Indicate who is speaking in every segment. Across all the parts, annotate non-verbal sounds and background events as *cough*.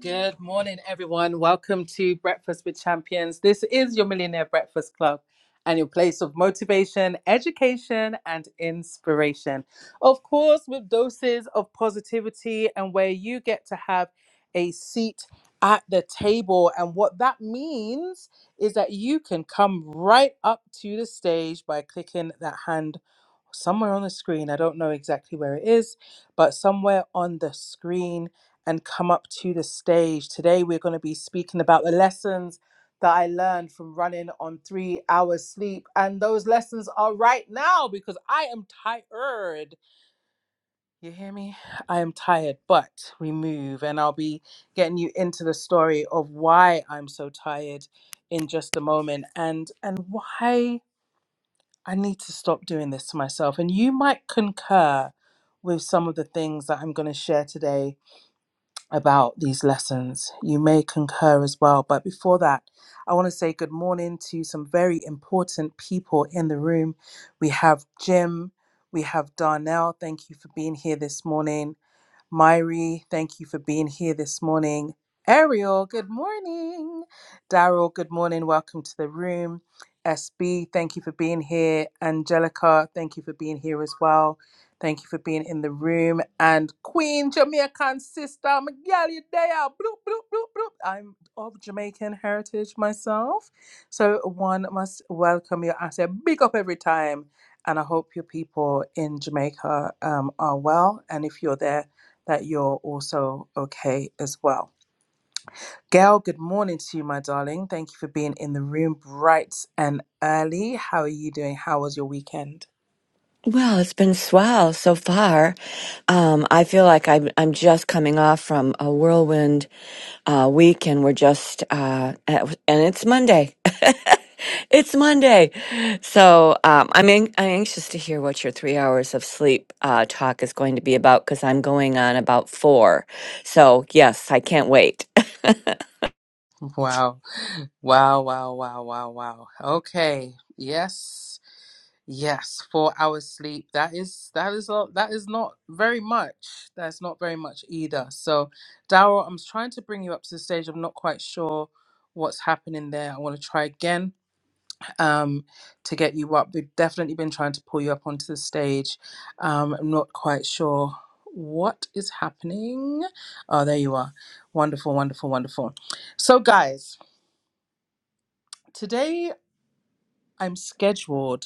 Speaker 1: Good morning, everyone. Welcome to Breakfast with Champions. This is your Millionaire Breakfast Club and your place of motivation, education, and inspiration. Of course, with doses of positivity and where you get to have a seat at the table. And what that means is that you can come right up to the stage by clicking that hand somewhere on the screen. I don't know exactly where it is, but somewhere on the screen and come up to the stage. Today, we're going to be speaking about the lessons that I learned from running on three hours sleep. And those lessons are right now because I am tired. You hear me? I am tired, but we move. And I'll be getting you into the story of why I'm so tired in just a moment and and why I need to stop doing this to myself. And you might concur with some of the things that I'm going to share today about these lessons. You may concur as well. But before that, I want to say good morning to some very important people in the room. We have Jim, we have Darnell. Thank you for being here this morning. Myri, thank you for being here this morning. Ariel, good morning. Daryl, good morning. Welcome to the room. SB, thank you for being here. Angelica, thank you for being here as well. Thank you for being in the room. And Queen Jamaican sister, Miguel Yudea, bloop, bloop, bloop, bloop. I'm of Jamaican heritage myself. So one must welcome you. I say big up every time. And I hope your people in Jamaica um, are well. And if you're there, that you're also okay as well. Gail, good morning to you, my darling. Thank you for being in the room bright and early. How are you doing? How was your weekend?
Speaker 2: Well, it's been swell so far. Um, I feel like I'm, I'm just coming off from a whirlwind uh, week, and we're just uh, at, and it's Monday. *laughs* it's Monday, so um, I'm an- I'm anxious to hear what your three hours of sleep uh, talk is going to be about because I'm going on about four. So yes, I can't wait. *laughs*
Speaker 1: Wow. Wow, wow, wow, wow, wow. Okay. Yes. Yes, 4 hours sleep. That is that is a, that is not very much. That's not very much either. So, Daryl, I'm trying to bring you up to the stage. I'm not quite sure what's happening there. I want to try again um, to get you up. We've definitely been trying to pull you up onto the stage. Um, I'm not quite sure what is happening. Oh, there you are. Wonderful, wonderful, wonderful. So, guys, today I'm scheduled,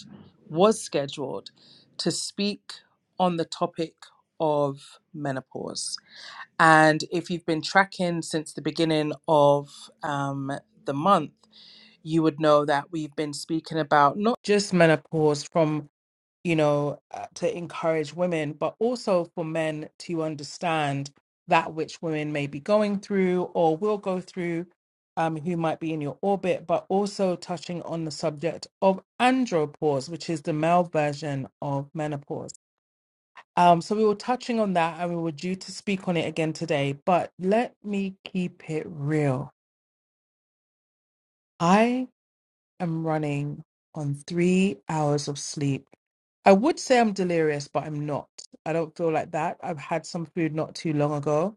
Speaker 1: was scheduled to speak on the topic of menopause. And if you've been tracking since the beginning of um, the month, you would know that we've been speaking about not just menopause from you know, uh, to encourage women, but also for men to understand that which women may be going through or will go through, um, who might be in your orbit, but also touching on the subject of andropause, which is the male version of menopause. Um, so we were touching on that and we were due to speak on it again today, but let me keep it real. I. am running on three hours of sleep. I would say I'm delirious, but I'm not. I don't feel like that. I've had some food not too long ago.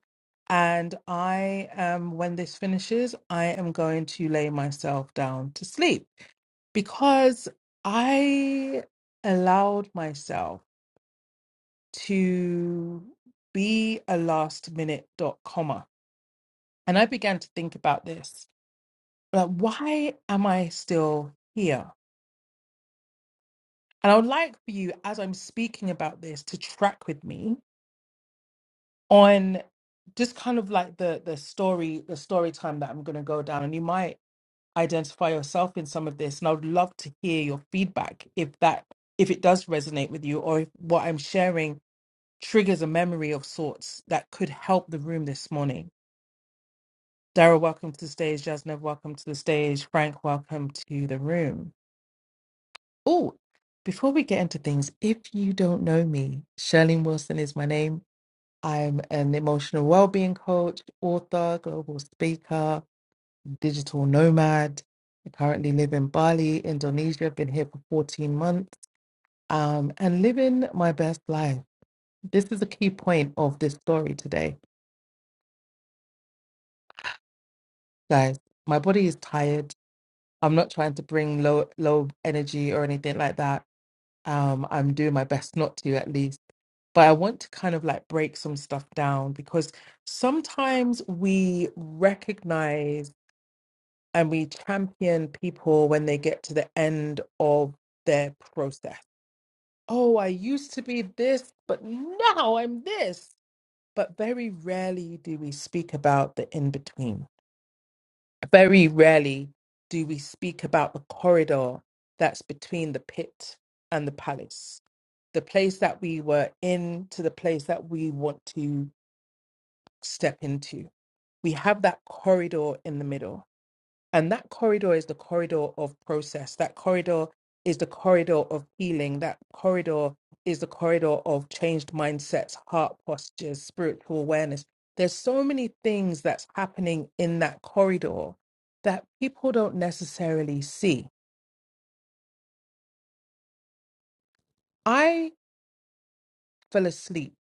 Speaker 1: And I am, when this finishes, I am going to lay myself down to sleep because I allowed myself to be a last minute dot comma. And I began to think about this. Like, why am I still here? And I would like for you, as I'm speaking about this, to track with me on just kind of like the the story, the story time that I'm going to go down. And you might identify yourself in some of this. And I would love to hear your feedback if that if it does resonate with you, or if what I'm sharing triggers a memory of sorts that could help the room this morning. Dara, welcome to the stage. Jasnev, welcome to the stage. Frank, welcome to the room. Oh, before we get into things, if you don't know me, Shirlene Wilson is my name. I'm an emotional well-being coach, author, global speaker, digital nomad. I currently live in Bali, Indonesia. I've been here for 14 months, um, and living my best life. This is a key point of this story today, guys. My body is tired. I'm not trying to bring low low energy or anything like that. Um, I'm doing my best not to, at least but I want to kind of like break some stuff down because sometimes we recognize and we champion people when they get to the end of their process. Oh, I used to be this, but now I'm this. But very rarely do we speak about the in between. Very rarely do we speak about the corridor that's between the pit and the palace, the place that we were in to the place that we want to step into. We have that corridor in the middle. And that corridor is the corridor of process. That corridor is the corridor of healing. That corridor is the corridor of changed mindsets, heart postures, spiritual awareness. There's so many things that's happening in that corridor that people don't necessarily see. I fell asleep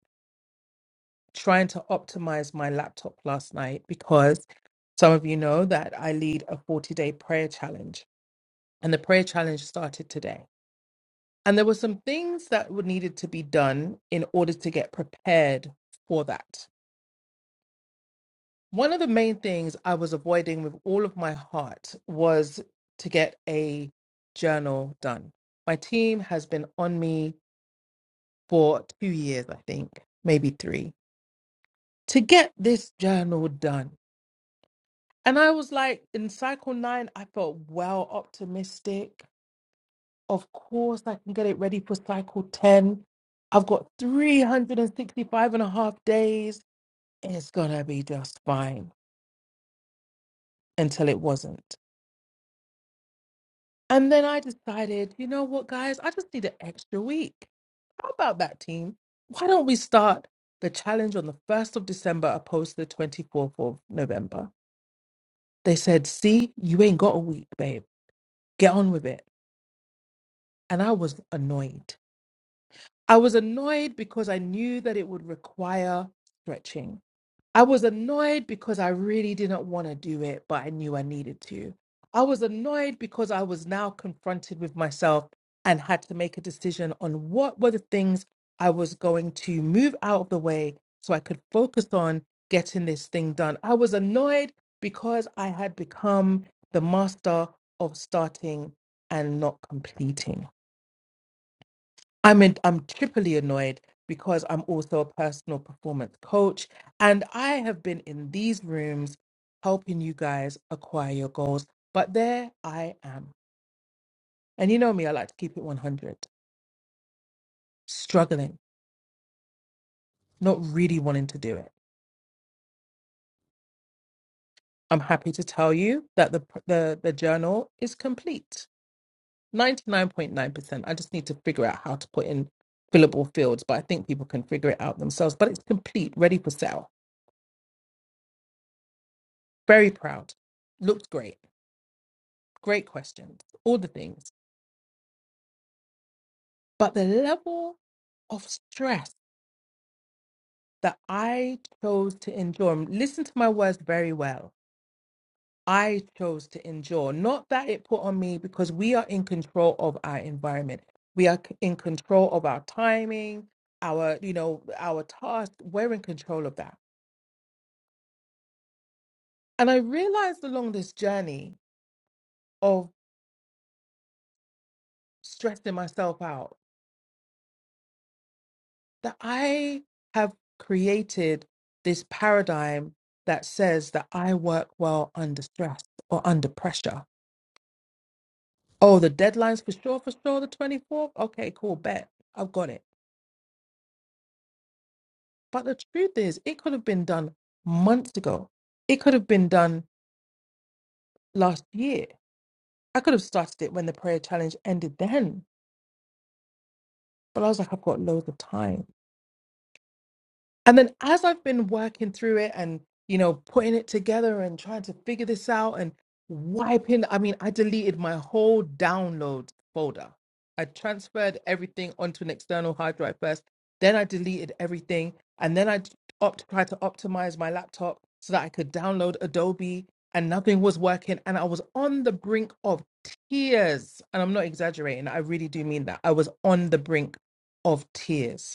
Speaker 1: trying to optimize my laptop last night because some of you know that I lead a 40 day prayer challenge. and the prayer challenge started today. And there were some things that would needed to be done in order to get prepared for that. One of the main things I was avoiding with all of my heart was to get a journal done. My team has been on me for two years, I think, maybe three, to get this journal done. And I was like, in cycle nine, I felt well optimistic. Of course, I can get it ready for cycle 10. I've got 365 and a half days. It's going to be just fine until it wasn't. And then I decided, you know what, guys? I just need an extra week. How about that, team? Why don't we start the challenge on the 1st of December opposed to the 24th of November? They said, see, you ain't got a week, babe. Get on with it. And I was annoyed. I was annoyed because I knew that it would require stretching. I was annoyed because I really didn't want to do it, but I knew I needed to. I was annoyed because I was now confronted with myself and had to make a decision on what were the things I was going to move out of the way so I could focus on getting this thing done. I was annoyed because I had become the master of starting and not completing. I'm in, I'm triply annoyed because I'm also a personal performance coach and I have been in these rooms helping you guys acquire your goals. But there I am. And you know me, I like to keep it 100, struggling, not really wanting to do it. I'm happy to tell you that the pr- the, the journal is complete. 99.9%. I just need to figure out how to put in fillable fields, but I think people can figure it out themselves. But it's complete, ready for sale. Very proud. Looked great great questions, all the things. But the level of stress that I chose to endure, and listen to my words very well. I chose to endure, not that it put on me because we are in control of our environment. We are c- in control of our timing, our, you know, our tasks. We're in control of that. And I realized along this journey of stressing myself out that I have created this paradigm that says that I work well under stress or under pressure. Oh, the deadline's for sure, for sure, the 24th? Okay, cool, bet. I've got it. But the truth is, it could have been done months ago. It could have been done last year. I could have started it when the prayer challenge ended then, but I was like, I've got loads of time. And then as I've been working through it and, you know, putting it together and trying to figure this out and wiping, I mean, I deleted my whole download folder. I transferred everything onto an external hard drive first. Then I deleted everything. And then I opt, tried to optimize my laptop so that I could download Adobe and nothing was working. And I was on the brink of tears. And I'm not exaggerating. I really do mean that. I was on the brink of tears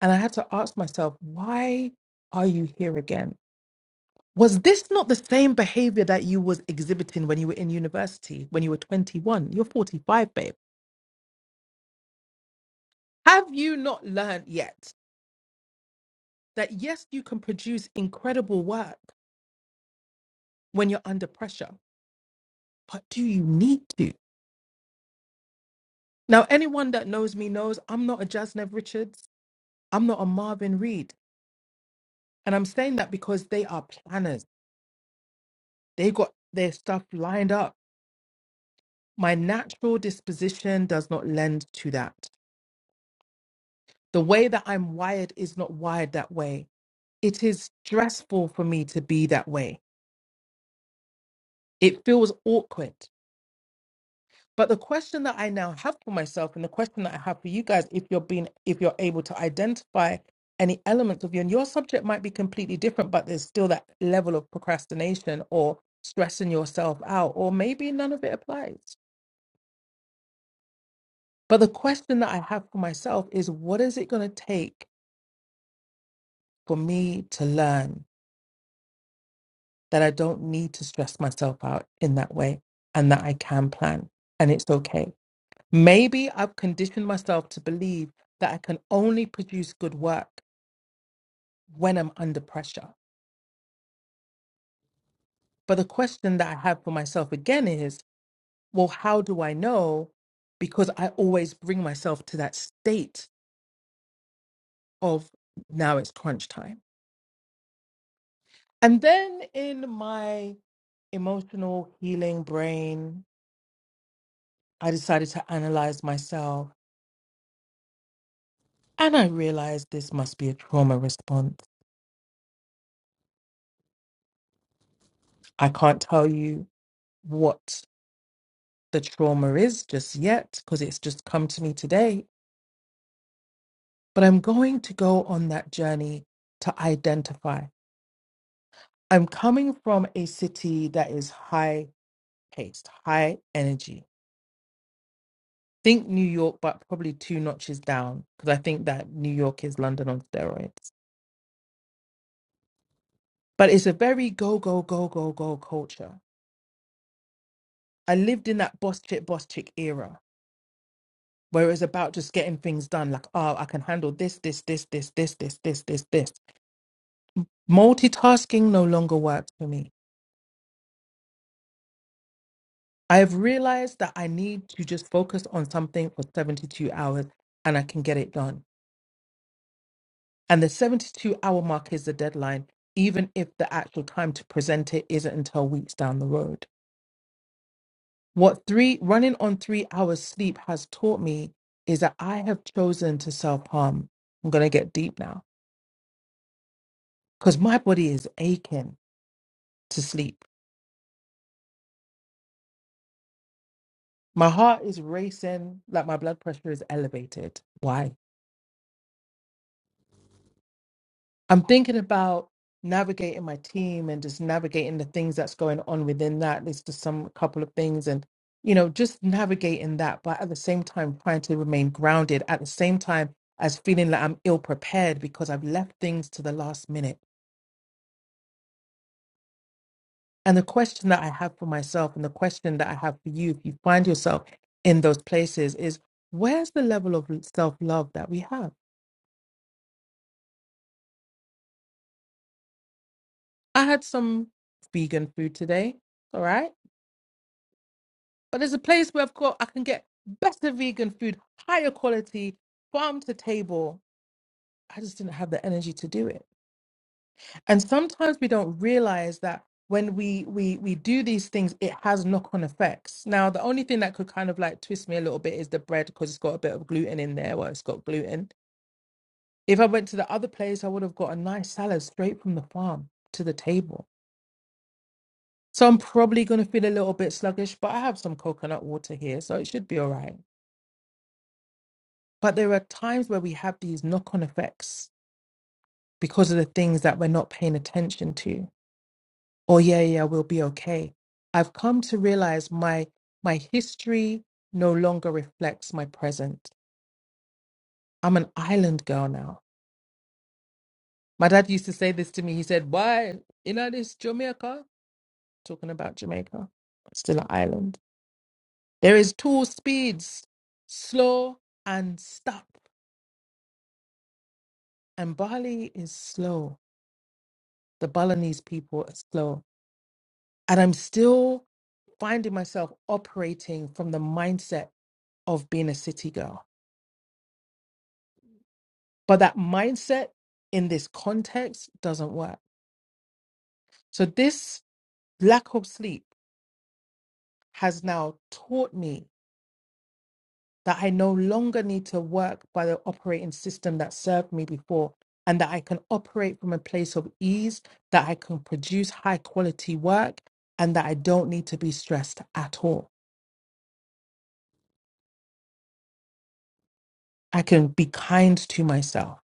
Speaker 1: And I had to ask myself, why are you here again? Was this not the same behavior that you was exhibiting when you were in university, when you were 21? You're 45, babe. Have you not learned yet that yes, you can produce incredible work when you're under pressure, but do you need to? Now, anyone that knows me knows I'm not a Jasnev Richards, I'm not a Marvin Reed. And I'm saying that because they are planners. They got their stuff lined up my natural disposition does not lend to that. The way that I'm wired is not wired that way. It is stressful for me to be that way. It feels awkward. But the question that I now have for myself and the question that I have for you guys, if you're being if you're able to identify any elements of you, and your subject might be completely different, but there's still that level of procrastination or stressing yourself out, or maybe none of it applies. But the question that I have for myself is what is it going to take for me to learn that I don't need to stress myself out in that way and that I can plan and it's okay. Maybe I've conditioned myself to believe that I can only produce good work when I'm under pressure. But the question that I have for myself again is well, how do I know? Because I always bring myself to that state of now it's crunch time. And then in my emotional healing brain, I decided to analyze myself And I realized this must be a trauma response. I can't tell you what the trauma is just yet because it's just come to me today. But I'm going to go on that journey to identify. I'm coming from a city that is high paced, high energy. Think New York, but probably two notches down because I think that New York is London on steroids. But it's a very go, go, go, go, go culture. I lived in that boss chick, boss chick era where it was about just getting things done like oh i can handle this this this this this this this this this multitasking no longer works for me i have realized that i need to just focus on something for 72 hours and i can get it done and the 72 hour mark is the deadline even if the actual time to present it isn't until weeks down the road what three running on three hours sleep has taught me is that i have chosen to self-harm i'm going to get deep now because my body is aching to sleep My heart is racing, like my blood pressure is elevated. Why? I'm thinking about navigating my team and just navigating the things that's going on within that. There's just some couple of things and, you know, just navigating that, but at the same time, trying to remain grounded at the same time as feeling like I'm ill prepared because I've left things to the last minute. And the question that I have for myself and the question that I have for you, if you find yourself in those places, is where's the level of self love that we have? I had some vegan food today, all right? But there's a place where I've got I can get better vegan food, higher quality, farm to table. I just didn't have the energy to do it. And sometimes we don't realize that when we we we do these things, it has knock-on effects. Now, the only thing that could kind of like twist me a little bit is the bread because it's got a bit of gluten in there. Well, it's got gluten. If I went to the other place, I would have got a nice salad straight from the farm to the table So I'm probably going to feel a little bit sluggish, but I have some coconut water here, so it should be all right. But there are times where we have these knock on effects because of the things that we're not paying attention to. Oh yeah, yeah, we'll be okay. I've come to realize my my history no longer reflects my present. I'm an island girl now. My dad used to say this to me. He said, "Why, you know this Jamaica? Talking about Jamaica, still an island. There is two speeds, slow and stop. and Bali is slow. The Balinese people are slow. And I'm still finding myself operating from the mindset of being a city girl. But that mindset in this context doesn't work. So, this lack of sleep has now taught me that I no longer need to work by the operating system that served me before, and that I can operate from a place of ease, that I can produce high quality work, and that I don't need to be stressed at all. I can be kind to myself.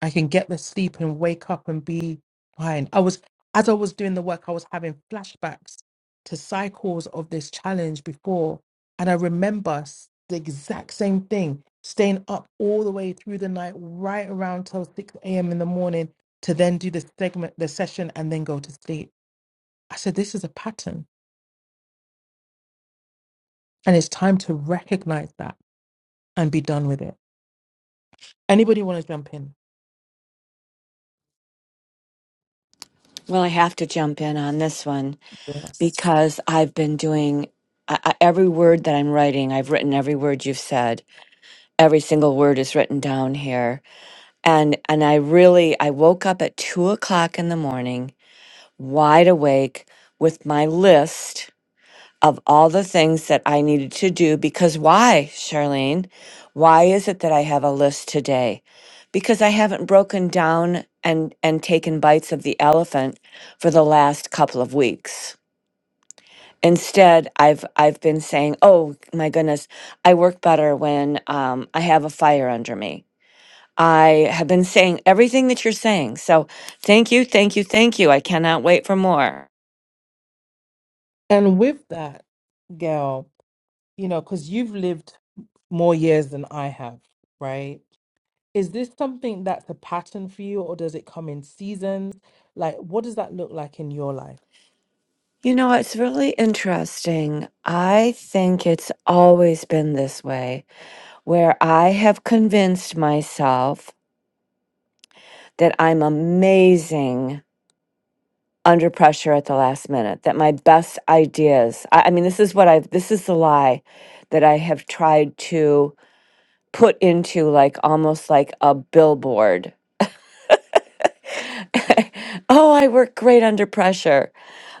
Speaker 1: I can get the sleep and wake up and be fine. I was, as I was doing the work, I was having flashbacks to cycles of this challenge before. And I remember s- the exact same thing, staying up all the way through the night, right around till 6 a.m. in the morning to then do the segment, the session, and then go to sleep. I said, this is a pattern. And it's time to recognize that and be done with it. Anybody want to jump in?
Speaker 2: well, I have to jump in on this one
Speaker 1: Yes.
Speaker 2: because I've been doing. I, I, every word that I'm writing, I've written every word you've said every single word is written down here and and i really i woke up at two o'clock in the morning wide awake with my list of all the things that i needed to do because why charlene why is it that i have a list today because i haven't broken down and and taken bites of the elephant for the last couple of weeks instead i've i've been saying oh my goodness i work better when um, i have a fire under me I have been saying everything that you're saying. So thank you, thank you, thank you. I cannot wait for more.
Speaker 1: And with that, Gail, you know, because you've lived more years than I have, right? Is this something that's a pattern for you, or does it come in seasons? Like, what does that look like in your life?
Speaker 2: You know, it's really interesting. I think it's always been this way where I have convinced myself that I'm amazing under pressure at the last minute, that my best ideas, I, I mean, this is what I've, this is the lie that I have tried to put into like almost like a billboard *laughs* oh, I work great under pressure.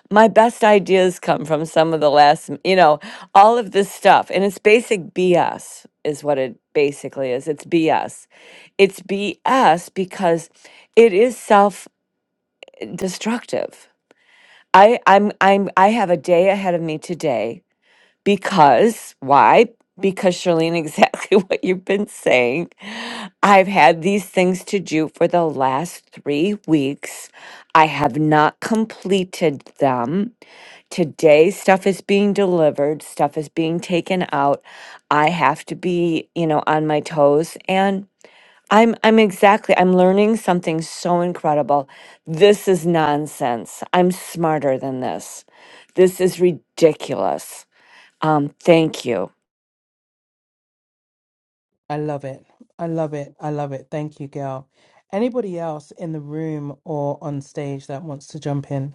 Speaker 2: My best ideas come from some of the last, m- you know, all of this stuff. And it's basic BS, is what it basically is. It's BS. It's BS because it is self destructive. I, I'm I'm I have a day ahead of me today because, why? Because, Charlene, exactly *laughs* what you've been saying. I've had these things to do for the last three weeks. I have not completed them. Today, stuff is being delivered, stuff is being taken out. I have to be, you know, on my toes. And I'm, I'm exactly, I'm learning something so incredible. This is nonsense. I'm smarter than this. This is ridiculous um, thank you.
Speaker 1: I love it. I love it. I love it. Thank you, Gail. Anybody else in the room or on stage that wants to jump in?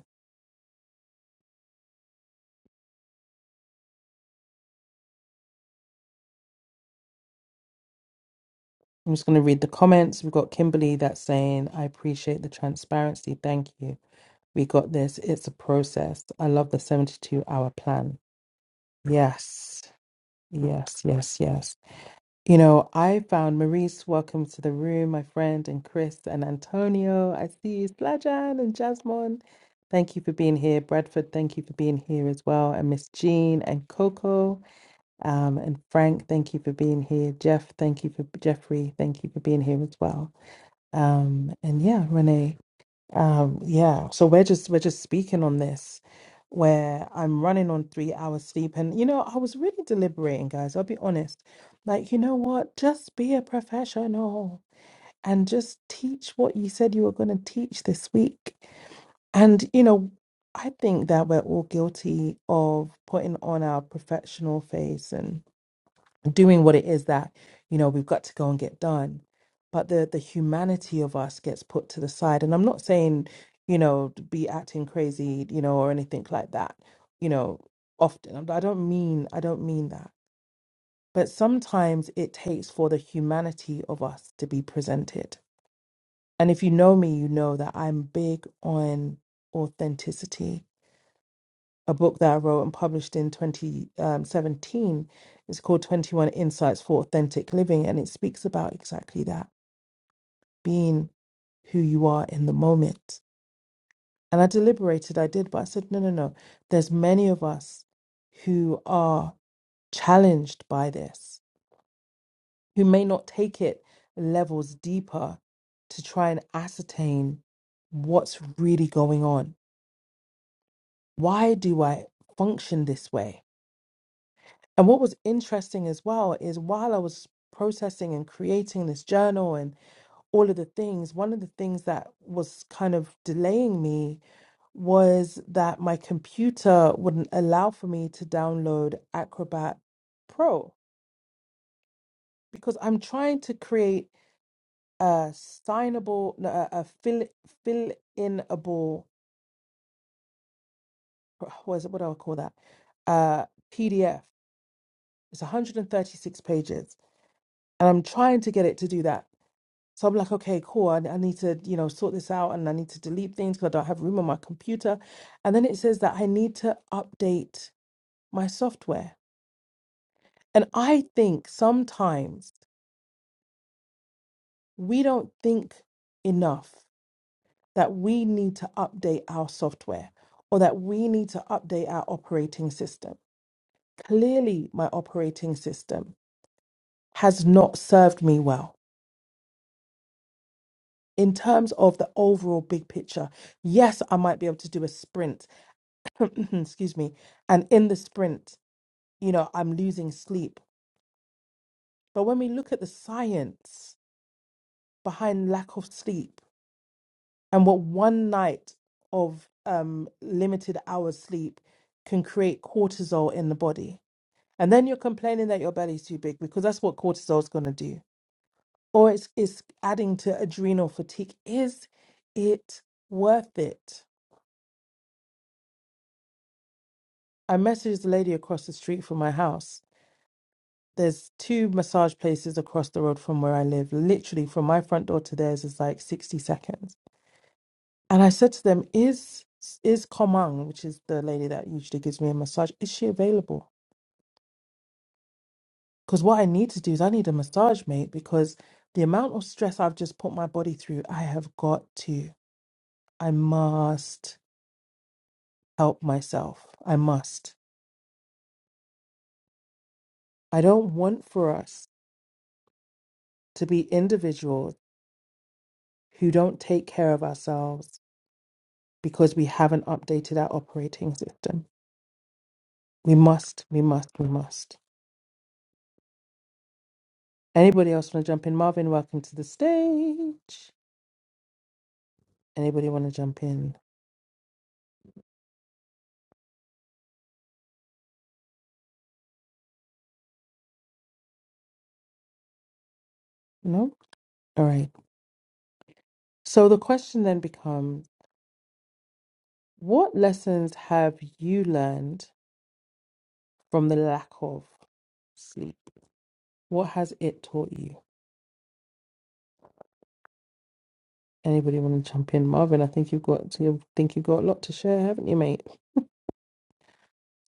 Speaker 1: I'm just going to read the comments. We've got Kimberly that's saying, I appreciate the transparency. Thank you. We got this. It's a process. I love the 72 hour plan. Yes, yes, yes, yes. You know, I found Maurice, welcome to the room, my friend, and Chris and Antonio. I see you, Slajan and Jasmine. Thank you for being here. Bradford, thank you for being here as well. And Miss Jean and Coco um, and Frank, thank you for being here. Jeff, thank you for Jeffrey, thank you for being here as well. Um, and yeah, Renee. Um, yeah, so we're just we're just speaking on this where I'm running on three hours sleep and you know, I was really deliberating, guys, I'll be honest. Like, you know what? Just be a professional and just teach what you said you were going to teach this week. And you know, I think that we're all guilty of putting on our professional face doing what it is that you know we've got to go and get done but the the humanity of us gets put to the side and i'm not saying you know to be acting crazy you know or anything like that you know often I'm- i don't mean i don't mean that but sometimes it takes for the humanity of us to be presented and if you know me you know that i'm big on authenticity a book that I wrote and published in 2017. It's called 21 Insights for Authentic Living, and it speaks about exactly that being who you are in the moment. And I deliberated, I did, but I said, no, no, no. There's many of us who are challenged by this, who may not take it levels deeper to try and ascertain what's really going on. Why do I function this way? And what was interesting as well is while I was processing and creating this journal and all of the things, one of the things that was kind of delaying me was that my computer wouldn't allow for me to download Acrobat Pro because I'm trying to create a signable, no, a, a fill fill inable, what is it? What do I call that? Uh, PDF. It's 136 pages, and I'm trying to get it to do that So I'm like, okay, cool. I, I need to, you know, sort this out and I need to delete things because I don't have room on my computer. And then it says that I need to update my software. And I think sometimes we don't think enough that we need to update our software or that we need to update our operating system. Clearly, my operating system has not served me well in terms of the overall big picture. Yes, I might be able to do a sprint. *clears throat* excuse me, and in the sprint, you know, I'm losing sleep. But when we look at the science behind lack of sleep and what one night of um, limited hours sleep can create cortisol in the body, and then you're complaining that your belly's too big because that's what cortisol is going to do, or it's it's adding to adrenal fatigue. Is it worth it? I messaged the lady across the street from my house there's two massage places across the road from where I live. Literally from my front door to theirs is like 60 seconds. And I said to them, is is Komang, which is the lady that usually gives me a massage, is she available? Because what I need to do is I need a massage, mate, because the amount of stress I've just put my body through, I have got to. I must help myself. I must. I don't want for us to be individuals who don't take care of ourselves because we haven't updated our operating system. We must, we must, we must. Anybody else want to jump in? Marvin, welcome to the stage. Anybody want to jump in? No? All right. So the question then becomes what lessons have you learned from the lack of sleep? What has it taught you? Anybody want to jump in? Marvin, I think you've got you think you've got a lot to share, haven't you, mate?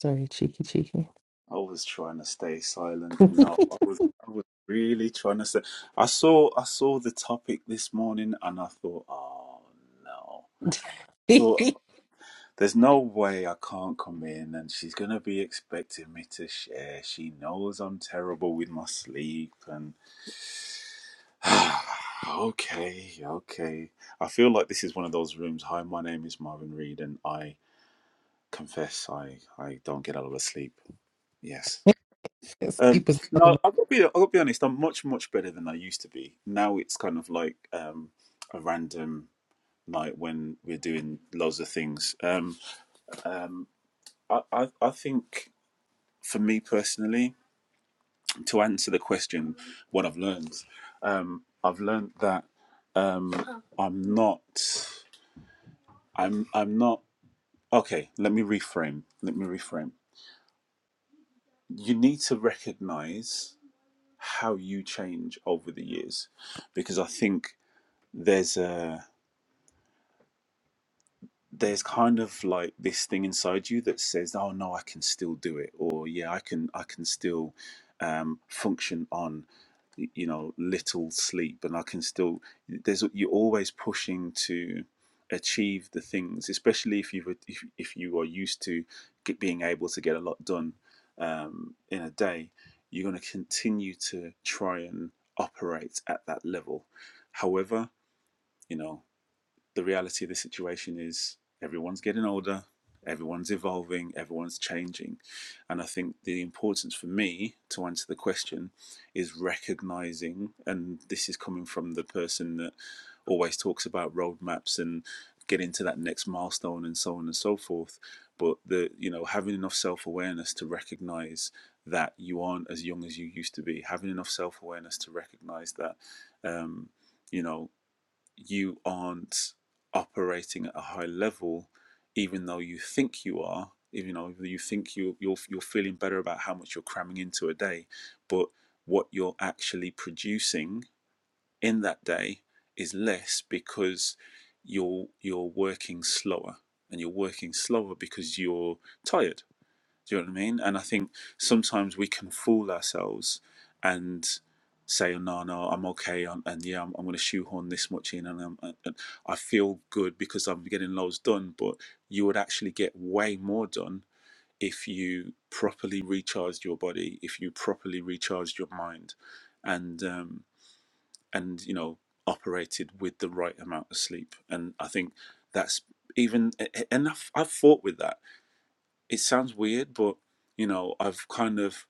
Speaker 1: Sorry, cheeky, cheeky.
Speaker 3: I was trying to stay silent. No, I was I was really trying to say. I saw I saw the topic this morning, and I thought, oh no, thought
Speaker 1: *laughs*
Speaker 3: there's no way I can't come in, and she's gonna be expecting me to share. She knows I'm terrible with my sleep, and *sighs* okay, okay. I feel like this is one of those rooms. Hi, my name is Marvin Reed, and I confess I I don't get a lot of sleep. Yes.
Speaker 1: Yes,
Speaker 3: Um,
Speaker 1: keep us out of
Speaker 3: no, I've got to be. I've got to be honest. I'm much much better than I used to be. Now it's kind of like um, a random night when we're doing loads of things. Um, um, I, I I think for me personally, to answer the question, what I've learned, um, I've learned that um, I'm not. I'm I'm not. Okay, let me reframe. Let me reframe. You need to recognize how you change over the years because I think there's a there's kind of like this thing inside you that says oh no i can still do it or yeah i can i can still um, function on y- you know little sleep and i can still there's you're always pushing to achieve the things especially if you've if, if you are used to get, being able to get a lot done um, in a day you're going to continue to try and operate at that level however you know the reality of the situation is everyone's getting older, everyone's evolving, everyone's changing. And I think the importance for me to answer the question is recognizing, and this is coming from the person that always talks about roadmaps and getting to that next milestone and so on and so forth. But the you know, having enough self awareness to recognize that you aren't as young as you used to be, having enough self awareness to recognize that um, you know, you aren't operating at a high level, even though you think you are. Even though you think you you're you're feeling better about how much you're cramming into a day, but what you're actually producing in that day is less because you're you're working slower, and you're working slower because you're tired do you know what I mean? And I think sometimes we can fool ourselves and say, oh, no, no, I'm okay. And, and yeah, I'm, I'm going to shoehorn this much in and, I'm, and and I feel good because I'm getting loads done. But you would actually get way more done if you properly recharged your body, if you properly recharged your mind and, um, and you know, operated with the right amount of sleep. And I think that's even, and I've, I've fought with that it sounds weird, but you know, I've kind of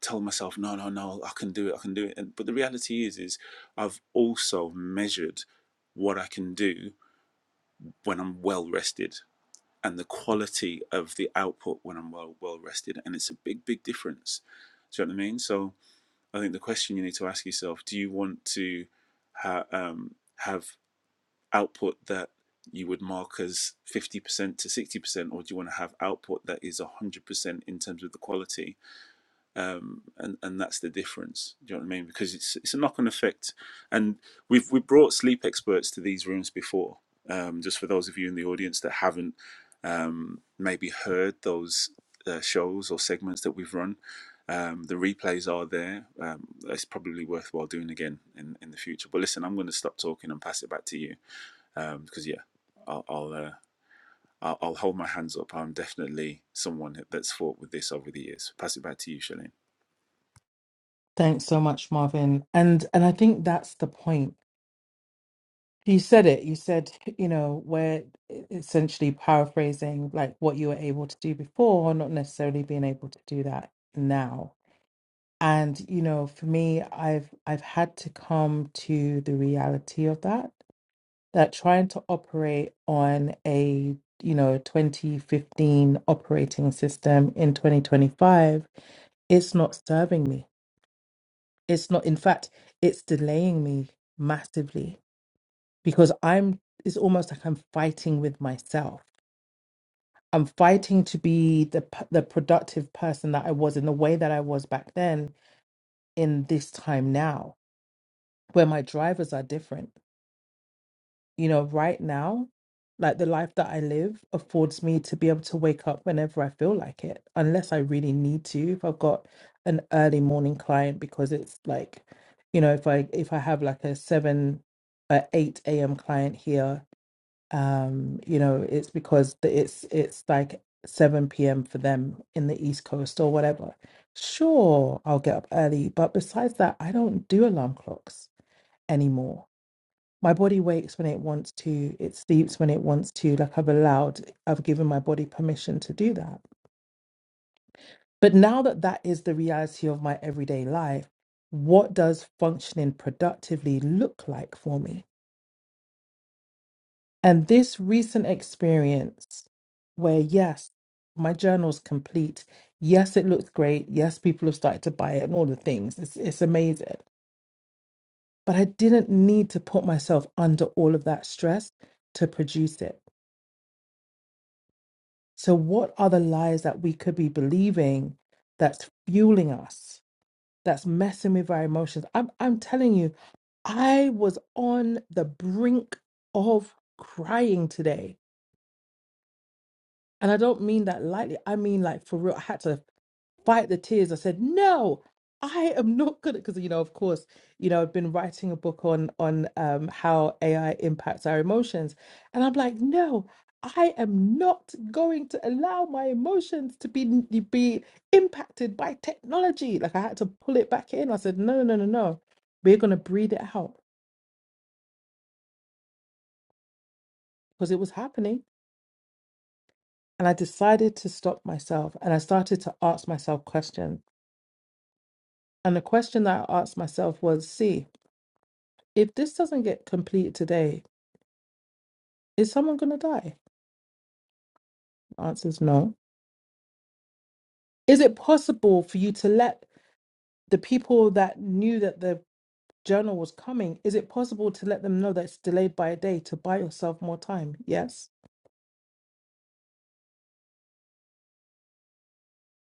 Speaker 3: told myself, no, no, no, I can do it, I can do it. And, but the reality is, is I've also measured what I can do when I'm well rested and the quality of the output when I'm well well rested, and it's a big, big difference. Do you know what I mean? So I think the question you need to ask yourself: Do you want to ha- um, have output that you would mark as 50% to 60% or do you want to have output that is 100% in terms of the quality um, and and that's the difference. Do you know what I mean? Because it's it's a knock on effect, and we've we brought sleep experts to these rooms before. Um, just for those of you in the audience that haven't maybe heard those uh, shows or segments that we've run, um, the replays are there. Um, it's probably worthwhile doing again in in the future. But listen, I'm going to stop talking and pass it back to you um, because yeah, I'll. I'll uh, I'll I'll hold my hands up. I'm definitely someone that's fought with this over the years. Pass it back to you, Shalene.
Speaker 1: Thanks so much, Marvin. And and I think that's the point. You said it. You said, you know, we're essentially paraphrasing like what you were able to do before, not necessarily being able to do that now. And you know, for me, I've I've had to come to the reality of that. That trying to operate on a you know 2015 operating system in 2025 it's not serving me. It's not, in fact, it's delaying me massively because I'm, it's almost like I'm fighting with myself. I'm fighting to be the, p- the productive person that I was in the way that I was back then in this time now, where my drivers are different. you know, right now, like the life that I live affords me to be able to wake up whenever I feel like it, unless I really need to. If I've got an early morning client, because it's like, you know, if I if I have like a seven, a eight a.m. client here, um, you know, it's because the, it's it's like seven p.m. for them in the East Coast or whatever. Sure, I'll get up early, but besides that, I don't do alarm clocks anymore my body wakes when it wants to it sleeps when it wants to like i've allowed i've given my body permission to do that but now that that is the reality of my everyday life what does functioning productively look like for me and this recent experience where yes my journal's complete yes it looks great yes people have started to buy it and all the things it's, it's amazing but i didn't need to put myself under all of that stress to produce it So, what are the lies that we could be believing that's fueling us, that's messing with our emotions? I'm, I'm telling you, I was on the brink of crying today and I don't mean that lightly. I mean, like, for real, I had to fight the tears. I said, no, I am not good at because you know, of course, you know, I've been writing a book on on um how AI impacts our emotions. And I'm like, no, I am not going to allow my emotions to be be impacted by technology. Like I had to pull it back in. I said, no, no, no, no. We're gonna breathe it out because it was happening. And I decided to stop myself and I started to ask myself questions. And the question that I asked myself was, see, if this doesn't get completed today, is someone going to die? The answer is no. Is it possible for you to let the people that knew that the journal was coming, is it possible to let them know that it's delayed by a day to buy yourself more time? Yes.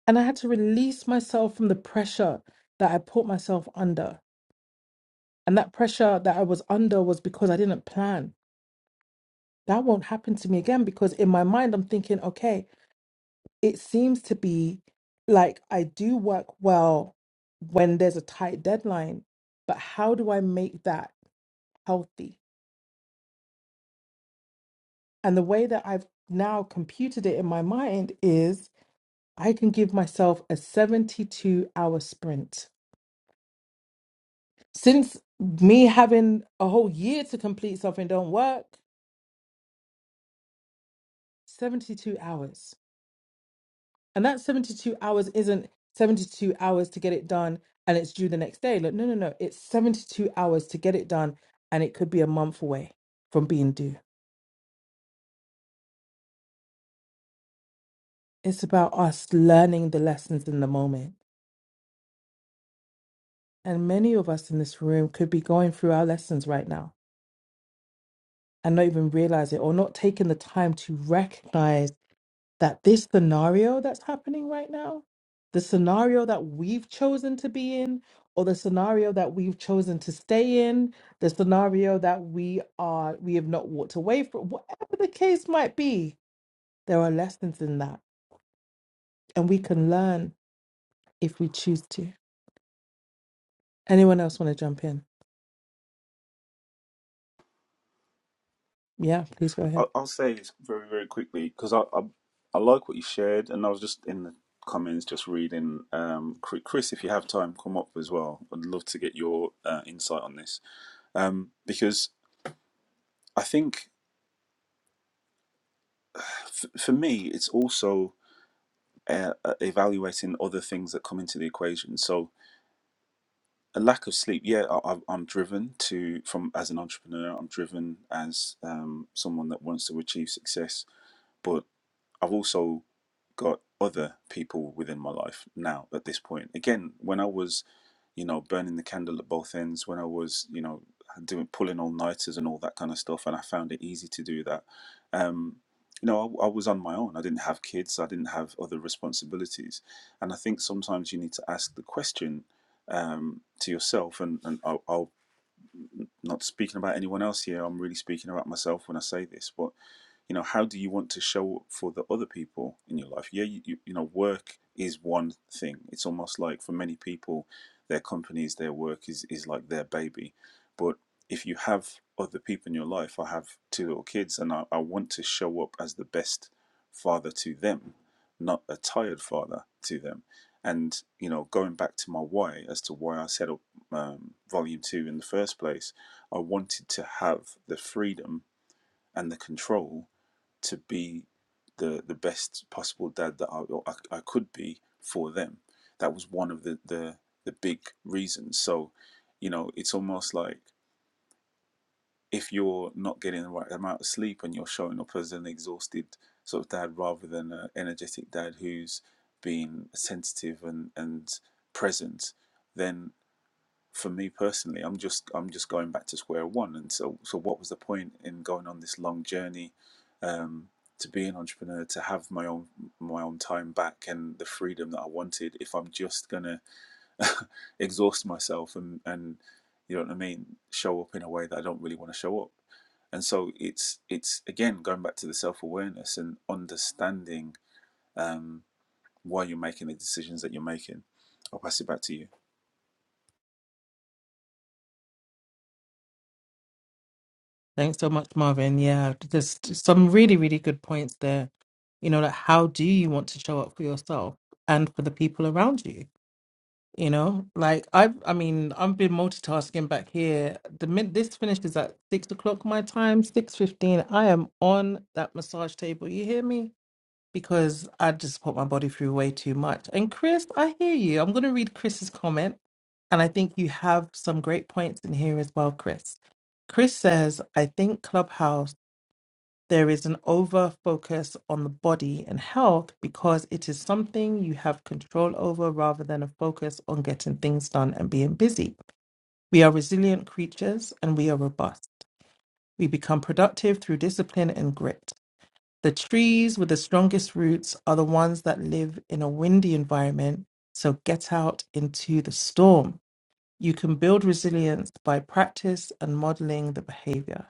Speaker 1: And I had to release myself from the pressure that I put myself under. And that pressure that I was under was because I didn't plan. That won't happen to me again because in my mind, I'm thinking, okay, it seems to be like I do work well when there's a tight deadline, but how do I make that healthy? And the way that I've now computed it in my mind is I can give myself a 72 hour sprint. Since me having a whole year to complete something don't work, 72 hours. And that 72 hours isn't 72 hours to get it done and it's due the next day. Like, no, no, no. It's 72 hours to get it done and it could be a month away from being due. It's about us learning the lessons in the moment. And many of us in this room could be going through our lessons right now and not even realize it or not taking the time to recognize that this scenario that's happening right now, the scenario that we've chosen to be in, or the scenario that we've chosen to stay in, the scenario that we are we have not walked away from, whatever the case might be, there are lessons in that, and we can learn if we choose to. Anyone else want to jump in? Yeah, please go ahead.
Speaker 3: I'll, I'll say this very, very quickly because I, I I like what you shared, and I was just in the comments just reading. Um, Chr- Chris, if you have time, come up as well. I'd love to get your uh, insight on this um, because I think f- for me it's also uh, uh, evaluating other things that come into the equation. So a lack of sleep, yeah, I, I'm I'm driven to from as an entrepreneur. I'm driven as um, someone that wants to achieve success, but I've also got other people within my life now at this point. Again, when I was, you know, burning the candle at both ends, when I was, you know, doing pulling all nighters and all that kind of stuff, and I found it easy to do that. Um, you know, I, I was on my own. I didn't have kids. I didn't have other responsibilities, and I think sometimes you need to ask the question um, to yourself. And and I'll, I'll not speaking about anyone else here. I'm really speaking about myself when I say this, but you know how do you want to show up for the other people in your life yeah you, you, you know work is one thing it's almost like for many people their companies their work is is like their baby but if you have other people in your life i have two little kids and i, I want to show up as the best father to them not a tired father to them and you know going back to my why as to why i set up um, volume two in the first place i wanted to have the freedom and the control to be the the best possible dad that I, I, I could be for them. That was one of the, the the big reasons. So, you know, it's almost like if you're not getting the right amount of sleep and you're showing up as an exhausted sort of dad rather than an energetic dad who's being sensitive and and present, then for me personally, I'm just I'm just going back to square one. And so so what was the point in going on this long journey um, to be an entrepreneur, to have my own my own time back and the freedom that I wanted if I'm just gonna *laughs* exhaust myself and and you know what I mean, show up in a way that I don't really want to show up. And so it's it's again going back to the self awareness and understanding um, why you're making the decisions that you're making. I'll pass it back to you.
Speaker 1: Thanks so much, Marvin. Yeah, there's some really, really good points there. You know, like how do you want to show up for yourself and for the people around you? You know, like I've, I mean, I've been multitasking back here. The minute this finishes at six o'clock my time, six fifteen, I am on that massage table. You hear me? Because I just put my body through way too much. And Chris, I hear you. I'm going to read Chris's comment, and I think you have some great points in here as well, Chris. Chris says, "I think Clubhouse." There is an over focus on the body and health because it is something you have control over rather than a focus on getting things done and being busy. We are resilient creatures and we are robust. We become productive through discipline and grit. The trees with the strongest roots are the ones that live in a windy environment, so get out into the storm. You can build resilience by practice and modeling the behavior.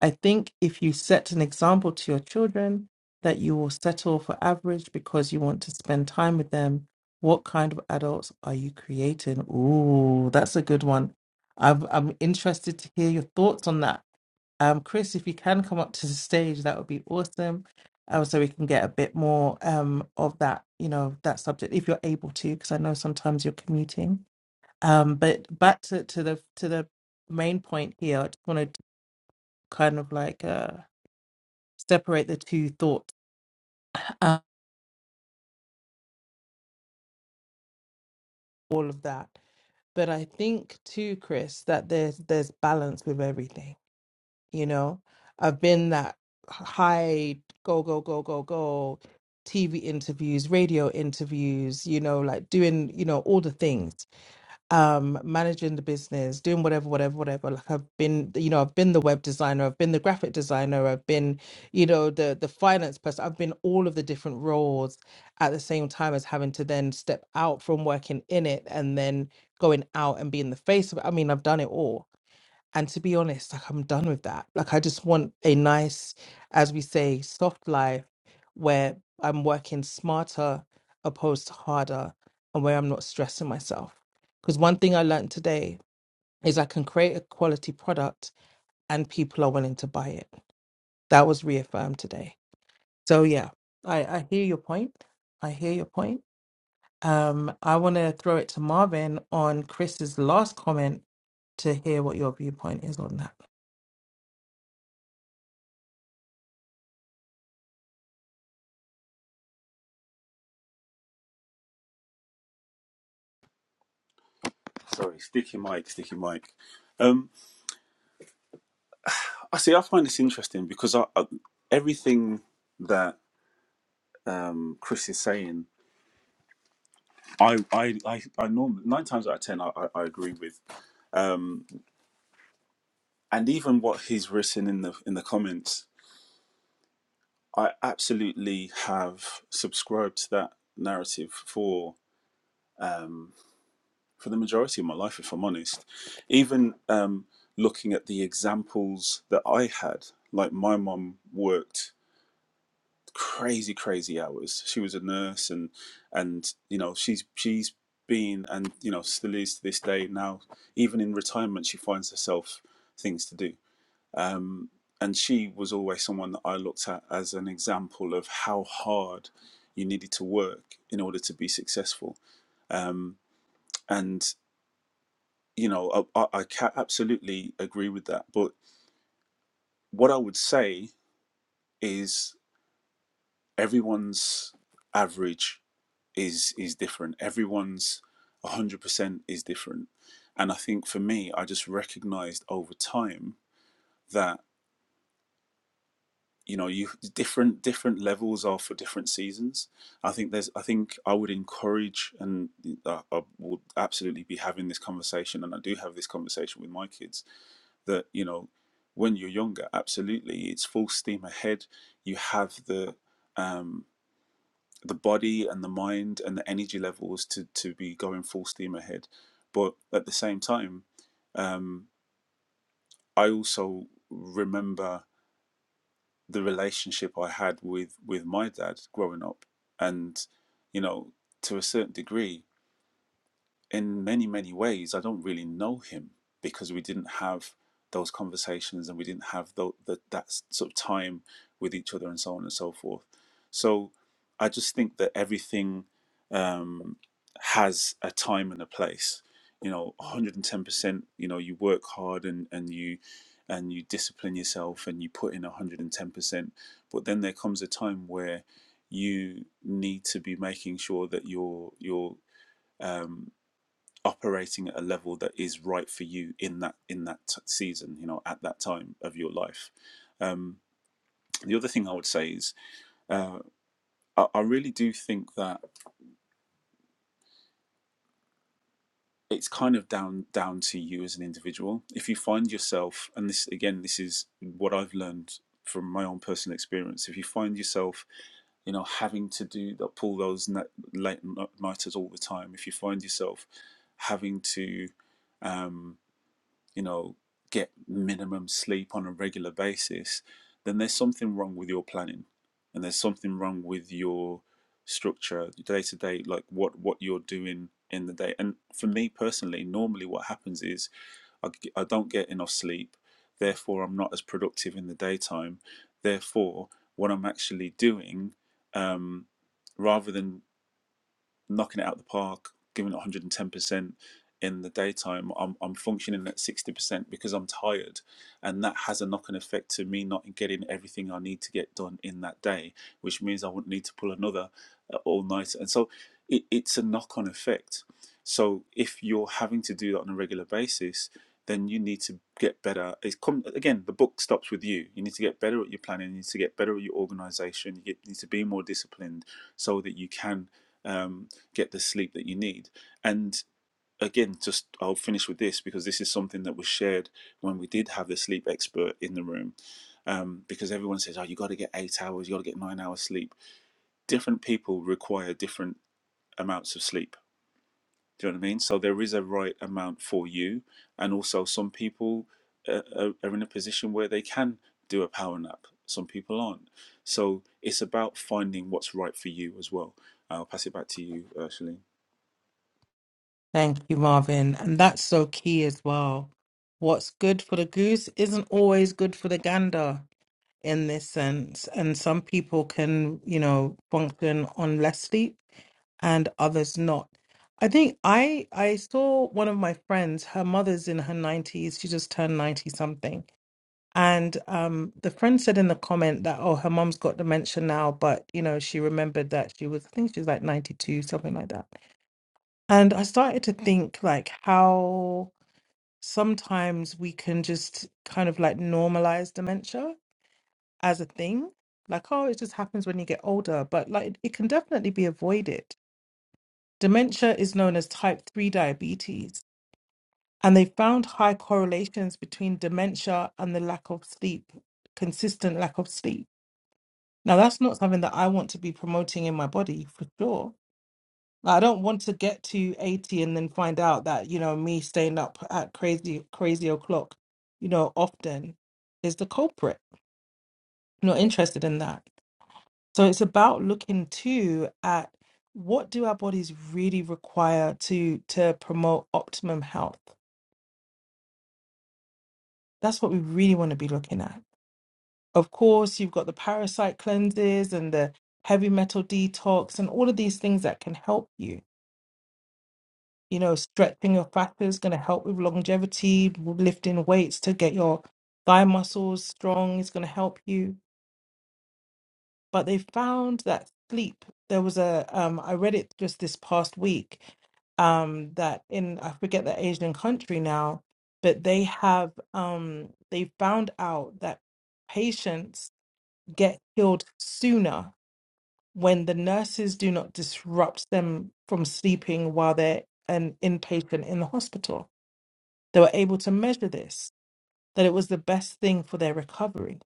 Speaker 1: I think if you set an example to your children that you will settle for average because you want to spend time with them, what kind of adults are you creating? Ooh, that's a good one. I've, I'm interested to hear your thoughts on that. Um, Chris, if you can come up to the stage, that would be awesome. Um, so we can get a bit more um, of that, you know, that subject if you're able to, because I know sometimes you're commuting. Um, but back to, to the to the main point here, I just wanted to kind of like uh, separate the two thoughts and all of that. But I think too, Chris, that there's there's balance with everything. You know, I've been that high go go go go go TV interviews, radio interviews. You know, like doing you know all the things. um managing the business doing whatever whatever whatever like i've been you know i've been the web designer i've been the graphic designer i've been you know the the finance person i've been all of the different roles at the same time as having to then step out from working in it and then going out and being the face of it i mean i've done it all and to be honest, like I'm done with that. Like I just want a nice, as we say, soft life where I'm working smarter opposed to harder and where I'm not stressing myself. Because one thing I learned today is I can create a quality product and people are willing to buy it. That was reaffirmed today. So yeah, I, I hear your point. I hear your point. Um, I want to throw it to Marvin on Chris's last comment to hear what your viewpoint is on that.
Speaker 3: Sorry, sticky mic, sticky mic. um. I see. I find this interesting because I, I, everything that um, Chris is saying, I, I, I, I normally nine times out of ten, I, I, I agree with. Um, and even what he's written in the in the comments, I absolutely have subscribed to that narrative for um, for the majority of my life, if I'm honest. Even um, looking at the examples that I had, like my mum worked crazy crazy hours she was a nurse and and you know she's she's been and you know still is to this day now even in retirement she finds herself things to do um and she was always someone that I looked at as an example of how hard you needed to work in order to be successful um and you know I, I I ca- absolutely agree with that but what I would say is everyone's average is is different. Everyone's 100% is different. And I think for me, I just recognized over time that you know, you different different levels are for different seasons. I think there's I think I would encourage and I, I would absolutely be having this conversation and I do have this conversation with my kids that, you know, when you're younger, absolutely it's full steam ahead. You have the um the body and the mind and the energy levels to to be going full steam ahead. But at the same time, um, I also remember the relationship I had with with my dad growing up, and you know, to a certain degree, in many, many ways, I don't really know him because we didn't have those conversations and we didn't have tho- the, that sort of time with each other and so on and so forth. So I just think that everything um, has a time and a place. You know, 110%, you know, you work hard and, and you and you discipline yourself and you put in 110%. But then there comes a time where you need to be making sure that you're you're um, operating at a level that is right for you in that in that t- season you know at that time of your life um the other thing i would say is uh i, I really do think that it's kind of down down to you as an individual if you find yourself and this again this is what i've learned from my own personal experience if you find yourself you know having to do that pull those late nighters all the time if you find yourself having to um, you know, get minimum sleep on a regular basis, then there's something wrong with your planning and there's something wrong with your structure day to day, like what, what you're doing in the day. And for me personally, normally what happens is I g- I don't get enough sleep, therefore, I'm not as productive in the daytime. Therefore, what I'm actually doing, um, rather than knocking it out of the park, giving it 110% in the daytime. I'm, I'm functioning at 60% because I'm tired. And that has a knock on effect to me not getting everything I need to get done in that day, which means I wouldn't need to pull another uh, all night. And so it, it's a knock on effect. So if you're having to do that on a regular basis, then you need to get better. It's come again. The book stops with you. You need to get better at your planning. You need to get better at your organisation. You get, need to be more disciplined so that you can um, get the sleep that you need. And again, just I'll finish with this because this is something that was shared when we did have the sleep expert in the room. Um, because everyone says, "Oh, you got to get eight hours. You got to get nine hours sleep." Different people require different amounts of sleep do you know what I mean? So there is a right amount for you, and also some people uh, are are in a position where they can do a power nap. Some people aren't. So it's about finding what's right for you as well. I'll pass it back to you, uh, Shalene.
Speaker 1: Thank you, Marvin. And that's so key as well. What's good for the goose isn't always good for the gander in this sense. And some people can, you know, function on less sleep and others not. I think I I saw one of my friends, her mother's in her 90s, she just turned 90 something. And um, the friend said in the comment that, oh, her mom's got dementia now, but you know, she remembered that she was, I think she was like 92, something like that. And I started to think like how sometimes we can just kind of like normalize dementia as a thing. Like, oh, it just happens when you get older, but like it can definitely be avoided. Dementia is known as type 3 diabetes, and they found high correlations between dementia and the lack of sleep, consistent lack of sleep. Now, that's not something that I want to be promoting in my body for sure I don't want to get to 80 and then find out that, you know, me staying up at crazy, crazy o'clock, you know, often is the culprit. I'm not interested in that. So it's about looking too at what do our bodies really require to to promote optimum health. That's what we really want to be looking at. Of course, you've got the parasite cleanses and the heavy metal detox and all of these things that can help you You know, stretching your fat is going to help with longevity, lifting weights to get your thigh muscles strong is going to help you. But they found that sleep, there was a, um, I read it just this past week, um, that in, I forget the Asian country now, but they have, um, they found out that patients get killed sooner when the nurses do not disrupt them from sleeping while they're an inpatient in the hospital. They were able to measure this, that it was the best thing for their recovery.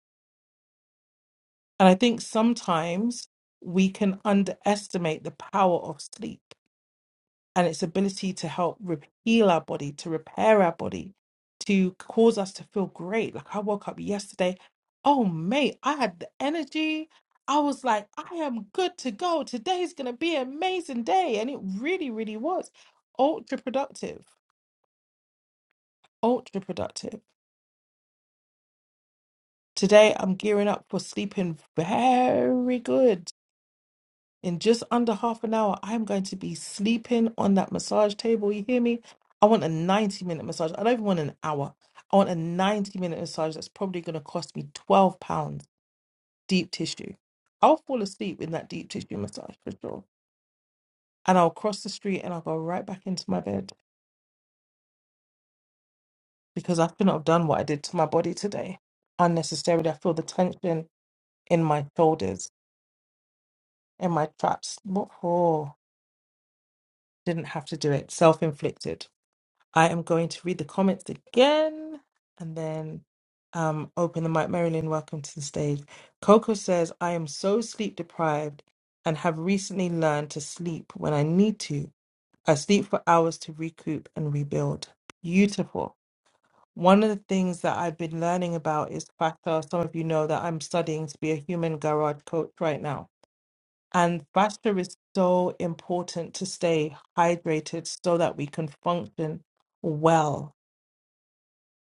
Speaker 1: And I think sometimes we can underestimate the power of sleep and its ability to help re- heal our body, to repair our body, to cause us to feel great. Like I woke up yesterday, oh, mate, I had the energy. I was like, I am good to go. Today's going to be an amazing day. And it really, really was ultra productive, ultra productive. Today, I'm gearing up for sleeping very good. In just under half an hour, I'm going to be sleeping on that massage table. You hear me? I want a 90 minute massage. I don't even want an hour. I want a 90 minute massage that's probably going to cost me 12 pounds deep tissue. I'll fall asleep in that deep tissue massage for sure. And I'll cross the street and I'll go right back into my bed because I couldn't have done what I did to my body today unnecessarily. I feel the tension in my shoulders, in my traps. What for? Didn't have to do it. Self inflicted. I am going to read the comments again and then um, open the mic. Marilyn, welcome to the stage. Coco says, I am so sleep deprived and have recently learned to sleep when I need to. I sleep for hours to recoup and rebuild. Beautiful. One of the things that I've been learning about is factor. Some of you know that I'm studying to be a human garage coach right now and Vasher is so important to stay hydrated so that we can function well.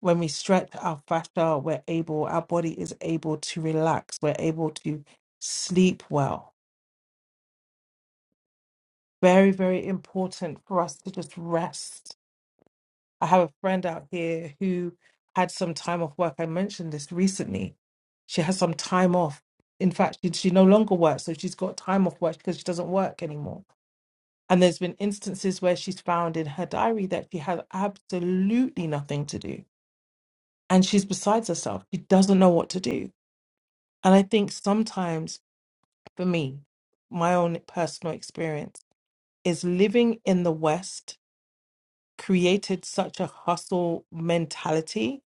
Speaker 1: When we stretch our fascia, we're able, our body is able to relax, we're able to sleep well. Very, very important for us to just rest. I have a friend out here who had some time off work. I mentioned this recently. She has some time off. In fact, she, she no longer works, so she's got time off work because she doesn't work anymore And there's been instances where she's found in her diary that she has absolutely nothing to do. And she's besides herself. She doesn't know what to do. And I think sometimes, for me, my own personal experience is living in the West created such a hustle mentality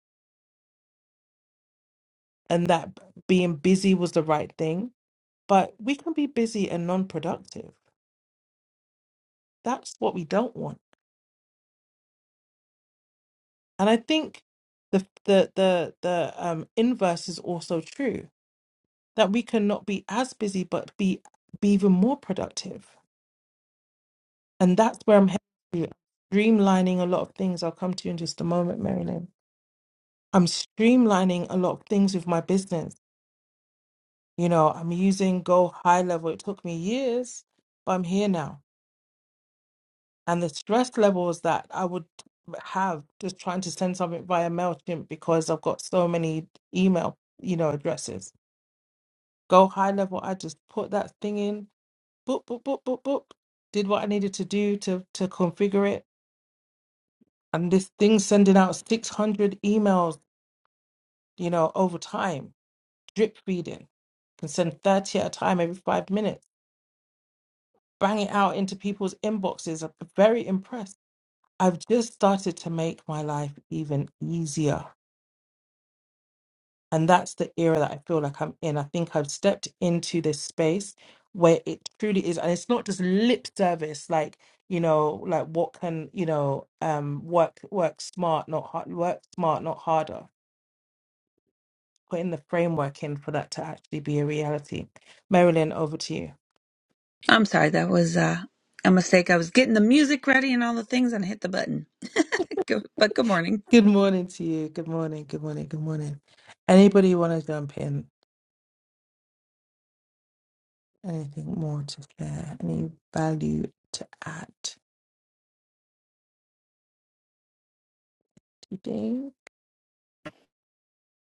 Speaker 1: and that being busy was the right thing. But we can be busy and non productive. That's what we don't want. And I think the the the the um inverse is also true that we can not be as busy but be be even more productive. And that's where I'm heading to. Streamlining a lot of things. I'll come to you in just a moment, Marilyn. I'm streamlining a lot of things with my business. You know, I'm using Go High Level. It took me years, but I'm here now. And the stress levels that I would have just trying to send something via MailChimp because I've got so many email, you know, addresses. Go High Level, I just put that thing in boop, boop, boop, boop, boop, did what I needed to do to to configure it. And this thing sending out 600 emails, you know, over time, drip feeding. Can send 30 at a time every five minutes. Bang it out into people's inboxes. I'm very impressed. I've just started to make my life even easier. And that's the era that I feel like I'm in. I think I've stepped into this space where it truly is. And it's not just lip service, like, you know, like what can, you know, um, work, work smart, not hard, work smart, not harder. Putting the framework in for that to actually be a reality. Marilyn, over to you.
Speaker 4: I'm sorry, that was uh, a mistake. I was getting the music ready and all the things and I hit the button. *laughs* Go- But good morning.
Speaker 1: Good morning to you. Good morning. Good morning. Good morning. Anybody want to jump in? Anything more to share? Any value to add today?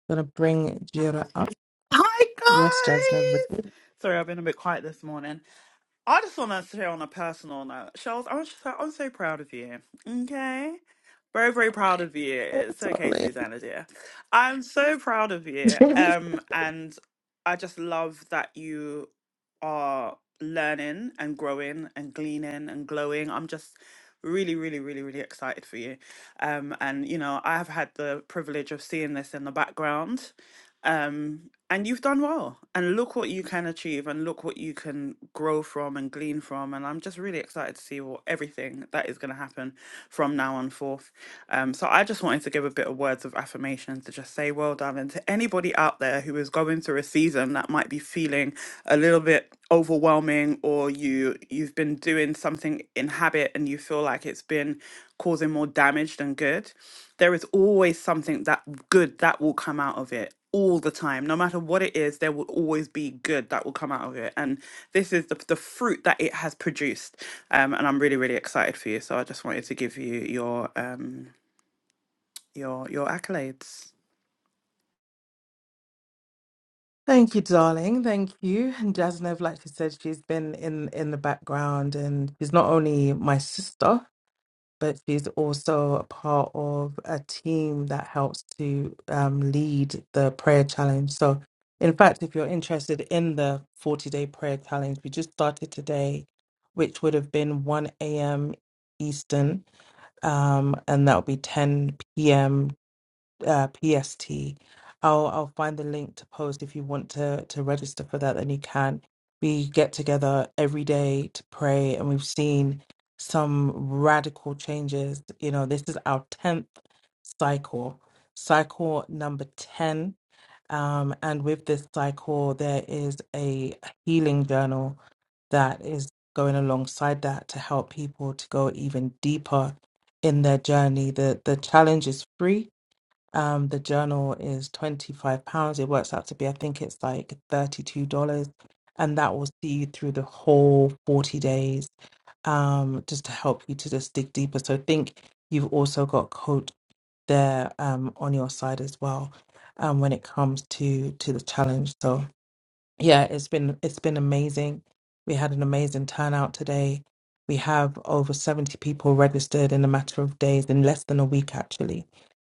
Speaker 1: Gonna bring Jira up.
Speaker 5: Hi
Speaker 1: Yes, Jasnev with you,
Speaker 5: guys! Sorry, I've been a bit quiet this morning. I just want to share on a personal note. Charles, I want you to say I'm so proud of you. Okay? Very, very proud of you. It's okay,
Speaker 1: darling.
Speaker 5: Susanna dear. I'm so proud of you.
Speaker 1: *laughs*
Speaker 5: Um, and I just love that you are learning and growing and gleaning and glowing. I'm just really, really, really, really excited for you. Um, and you know, I have had the privilege of seeing this in the background um, and you've done well. And look what you can achieve and look what you can grow from and glean from. And I'm just really excited to see what everything that is going to happen from now on forth. Um, so I just wanted to give a bit of words of affirmation to just say well done. And to anybody out there who is going through a season that might be feeling a little bit overwhelming or you you've been doing something in habit and you feel like it's been causing more damage than good there is always something that good that will come out of it all the time no matter what it is there will always be good that will come out of it and this is the, the fruit that it has produced um and i'm really really excited for you so i just wanted to give you your um your your accolades
Speaker 1: Thank you, darling. Thank you. And Jasnev, like she said, she's been in in the background, and she's not only my sister, but she's also a part of a team that helps to um, lead the prayer challenge. So, in fact, if you're interested in the 40 day prayer challenge, we just started today, which would have been 1 a.m. Eastern, um, and that'll be 10 p.m. uh, PST. I'll I'll find the link to post if you want to to register for that. Then you can. We get together every day to pray, and we've seen some radical changes. You know, this is our tenth cycle, cycle number ten. Um, and with this cycle, there is a healing journal that is going alongside that to help people to go even deeper in their journey. The the challenge is free um, the journal is £25. It works out to be, I think it's like $32. And that will see you through the whole 40 days um, just to help you to just dig deeper. So I think you've also got coach there um, on your side as well um, when it comes to to the challenge. So yeah, it's been it's been amazing. We had an amazing turnout today. We have over 70 people registered in a matter of days, in less than a week actually.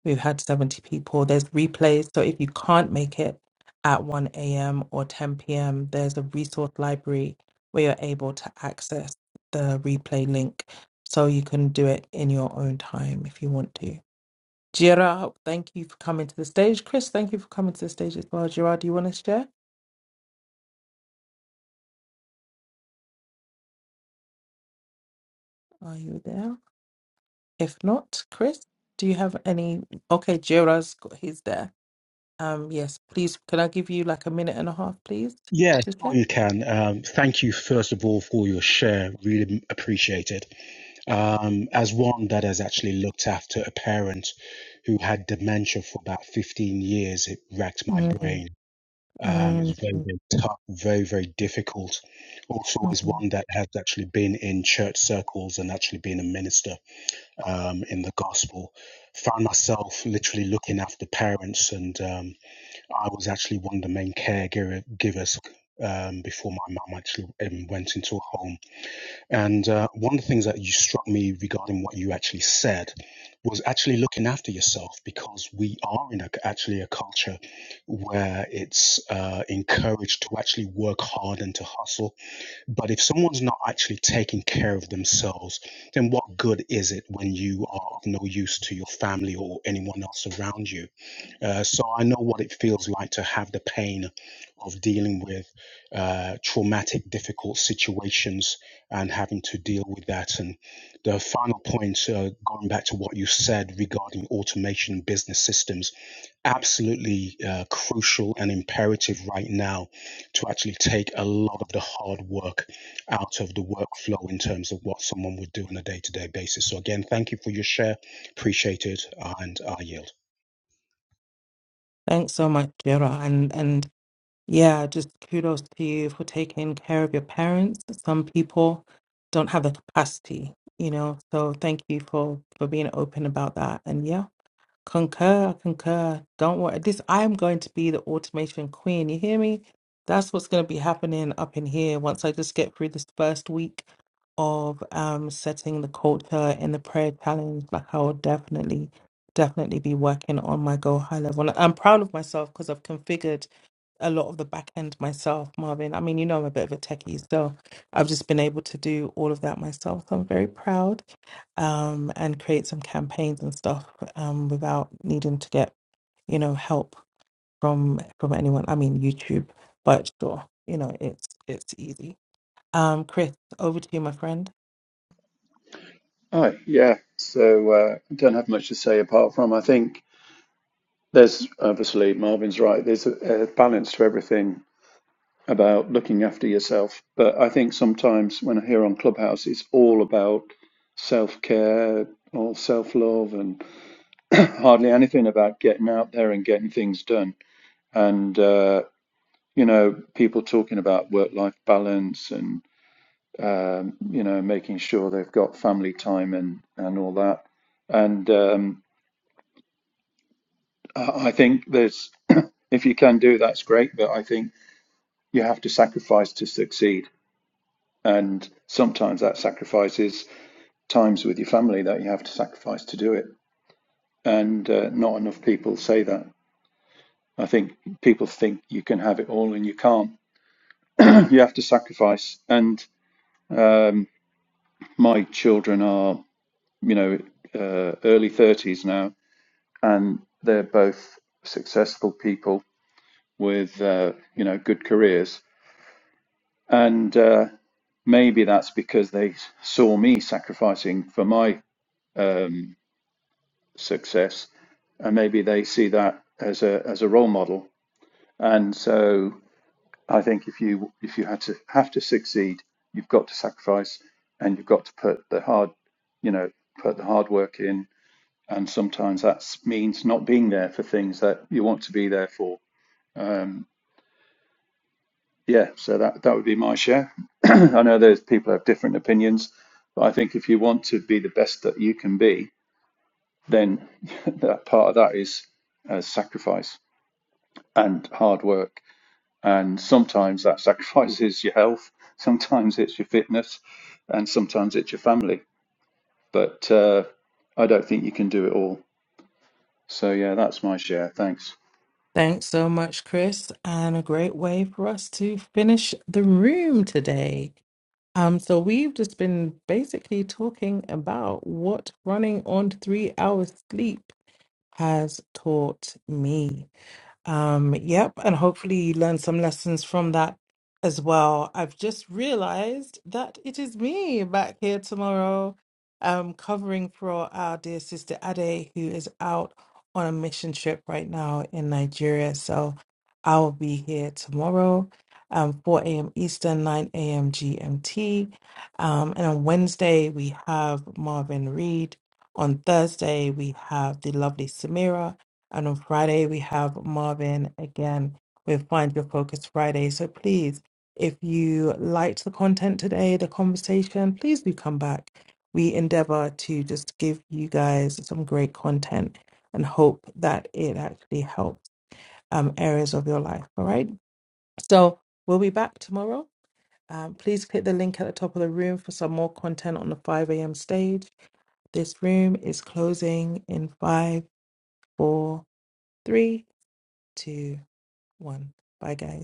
Speaker 1: We've had 70 people. There's replays, so if you can't make it at 1 a.m. or 10 p.m., there's a resource library where you're able to access the replay link so you can do it in your own time if you want to. Gerard, thank you for coming to the stage. Chris, thank you for coming to the stage as well. Gerard, do you want to share? Are you there? If not, Chris, do you have any? Okay, Jira's got he's there. Um, yes, please. Can I give you like a minute and a half, please,
Speaker 6: Yeah,
Speaker 1: to
Speaker 6: sure
Speaker 1: check?
Speaker 6: you can. Um, thank you, first of all, for your share. Really m- appreciate it. Um, as one that has actually looked after a parent who had dementia for about 15 years, it racked my
Speaker 1: Mm,
Speaker 6: brain. Um, it's
Speaker 1: mm,
Speaker 6: very, very tough, very, very difficult. Also, as
Speaker 1: mm.
Speaker 6: one that has actually been in church circles and actually been a minister um, in the gospel, found myself literally looking after parents. And um, I was actually one of the main caregiver givers um, before my mum actually um, went into a home. And uh, one of the things that you struck me regarding what you actually said was actually looking after yourself because we are in a, actually a culture where it's uh, encouraged to actually work hard and to hustle but if someone's not actually taking care of themselves, then what good is it when you are of no use to your family or anyone else around you? Uh, so I know what it feels like to have the pain of dealing with uh, traumatic, difficult situations and having to deal with that. And the final point, uh, going back to what you said regarding automation, business systems, absolutely uh, crucial and imperative right now to actually take a lot of the hard work out of the workflow in terms of what someone would do on a day to day basis. So, again, thank you for your share. Appreciate it. And I yield.
Speaker 1: Thanks so much, Jira, and and yeah, just kudos to you for taking care of your parents. Some people don't have the capacity, you know. So thank you for for being open about that. And yeah. Concur, concur. Don't worry. This I'm going to be the automation queen. You hear me? That's what's going to be happening up in here once I just get through this first week of um setting the culture in the prayer challenge. Like I will definitely, definitely be working on my go high level. And I'm proud of myself because I've configured a lot of the back end myself, Marvin. I mean, you know I'm a bit of a techie, so I've just been able to do all of that myself. So I'm very proud um, and create some campaigns and stuff um, without needing to get you know help from from anyone. I mean YouTube, but sure, you know it's it's easy. Um, Chris, over to you, my friend.
Speaker 7: Hi. Yeah. So uh, I don't have much to say apart from I think there's obviously Marvin's right. There's a, a balance to everything about looking after yourself. But I think sometimes when I hear on Clubhouse, it's all about self care or self love and *clears throat* hardly anything about getting out there and getting things done. And, uh, you know, people talking about work life balance and, um, you know, making sure they've got family time and, and all that. And, um, Uh, I think there's, *clears throat* if you can do that's great, but I think you have to sacrifice to succeed. And sometimes that sacrifice is times with your family that you have to sacrifice to do it. And uh, not enough people say that. I think people think you can have it all and you can't. *clears throat* You have to sacrifice. And my children are, you know, uh, early 30s now, and they're both successful people with, uh, you know, good careers. And, uh, Maybe that's because they saw me sacrificing for my success, and maybe they see that as a as a role model. And so I think if you if you had to have to succeed, you've got to sacrifice, and you've got to put the hard, you know, put the hard work in. And sometimes that means not being there for things that you want to be there for. Yeah, so that that would be my share. *clears throat* I know there's people have different opinions, but I think if you want to be the best that you can be, then *laughs* that part of that is uh, sacrifice and hard work. And sometimes that sacrifice is your health, sometimes it's your fitness, and sometimes it's your family. But uh, I don't think you can do it all. So, yeah, that's my share. Thanks.
Speaker 1: Thanks so much, Chris, and a great way for us to finish the room today. Um, so we've just been basically talking about what running on three hours sleep has taught me. Um, yep, and hopefully you learn some lessons from that as well. I've just realized that it is me back here tomorrow, um, covering for our dear sister Ade, who is out on a mission trip right now in Nigeria. So I will be here tomorrow, um, 4 a.m. Eastern, 9 a.m. GMT. Um, and on Wednesday, we have Marvin Reed. On Thursday, we have the lovely Samira. And on Friday, we have Marvin again with Find Your Focus Friday. So please, if you liked the content today, the conversation, please do come back. We endeavor to just give you guys some great content and hope that it actually helps um, areas of your life. All right. So we'll be back tomorrow. Um, please click the link at the top of the room for some more content on the 5 a.m. stage. This room is closing in five, four, three, two one. Bye, guys.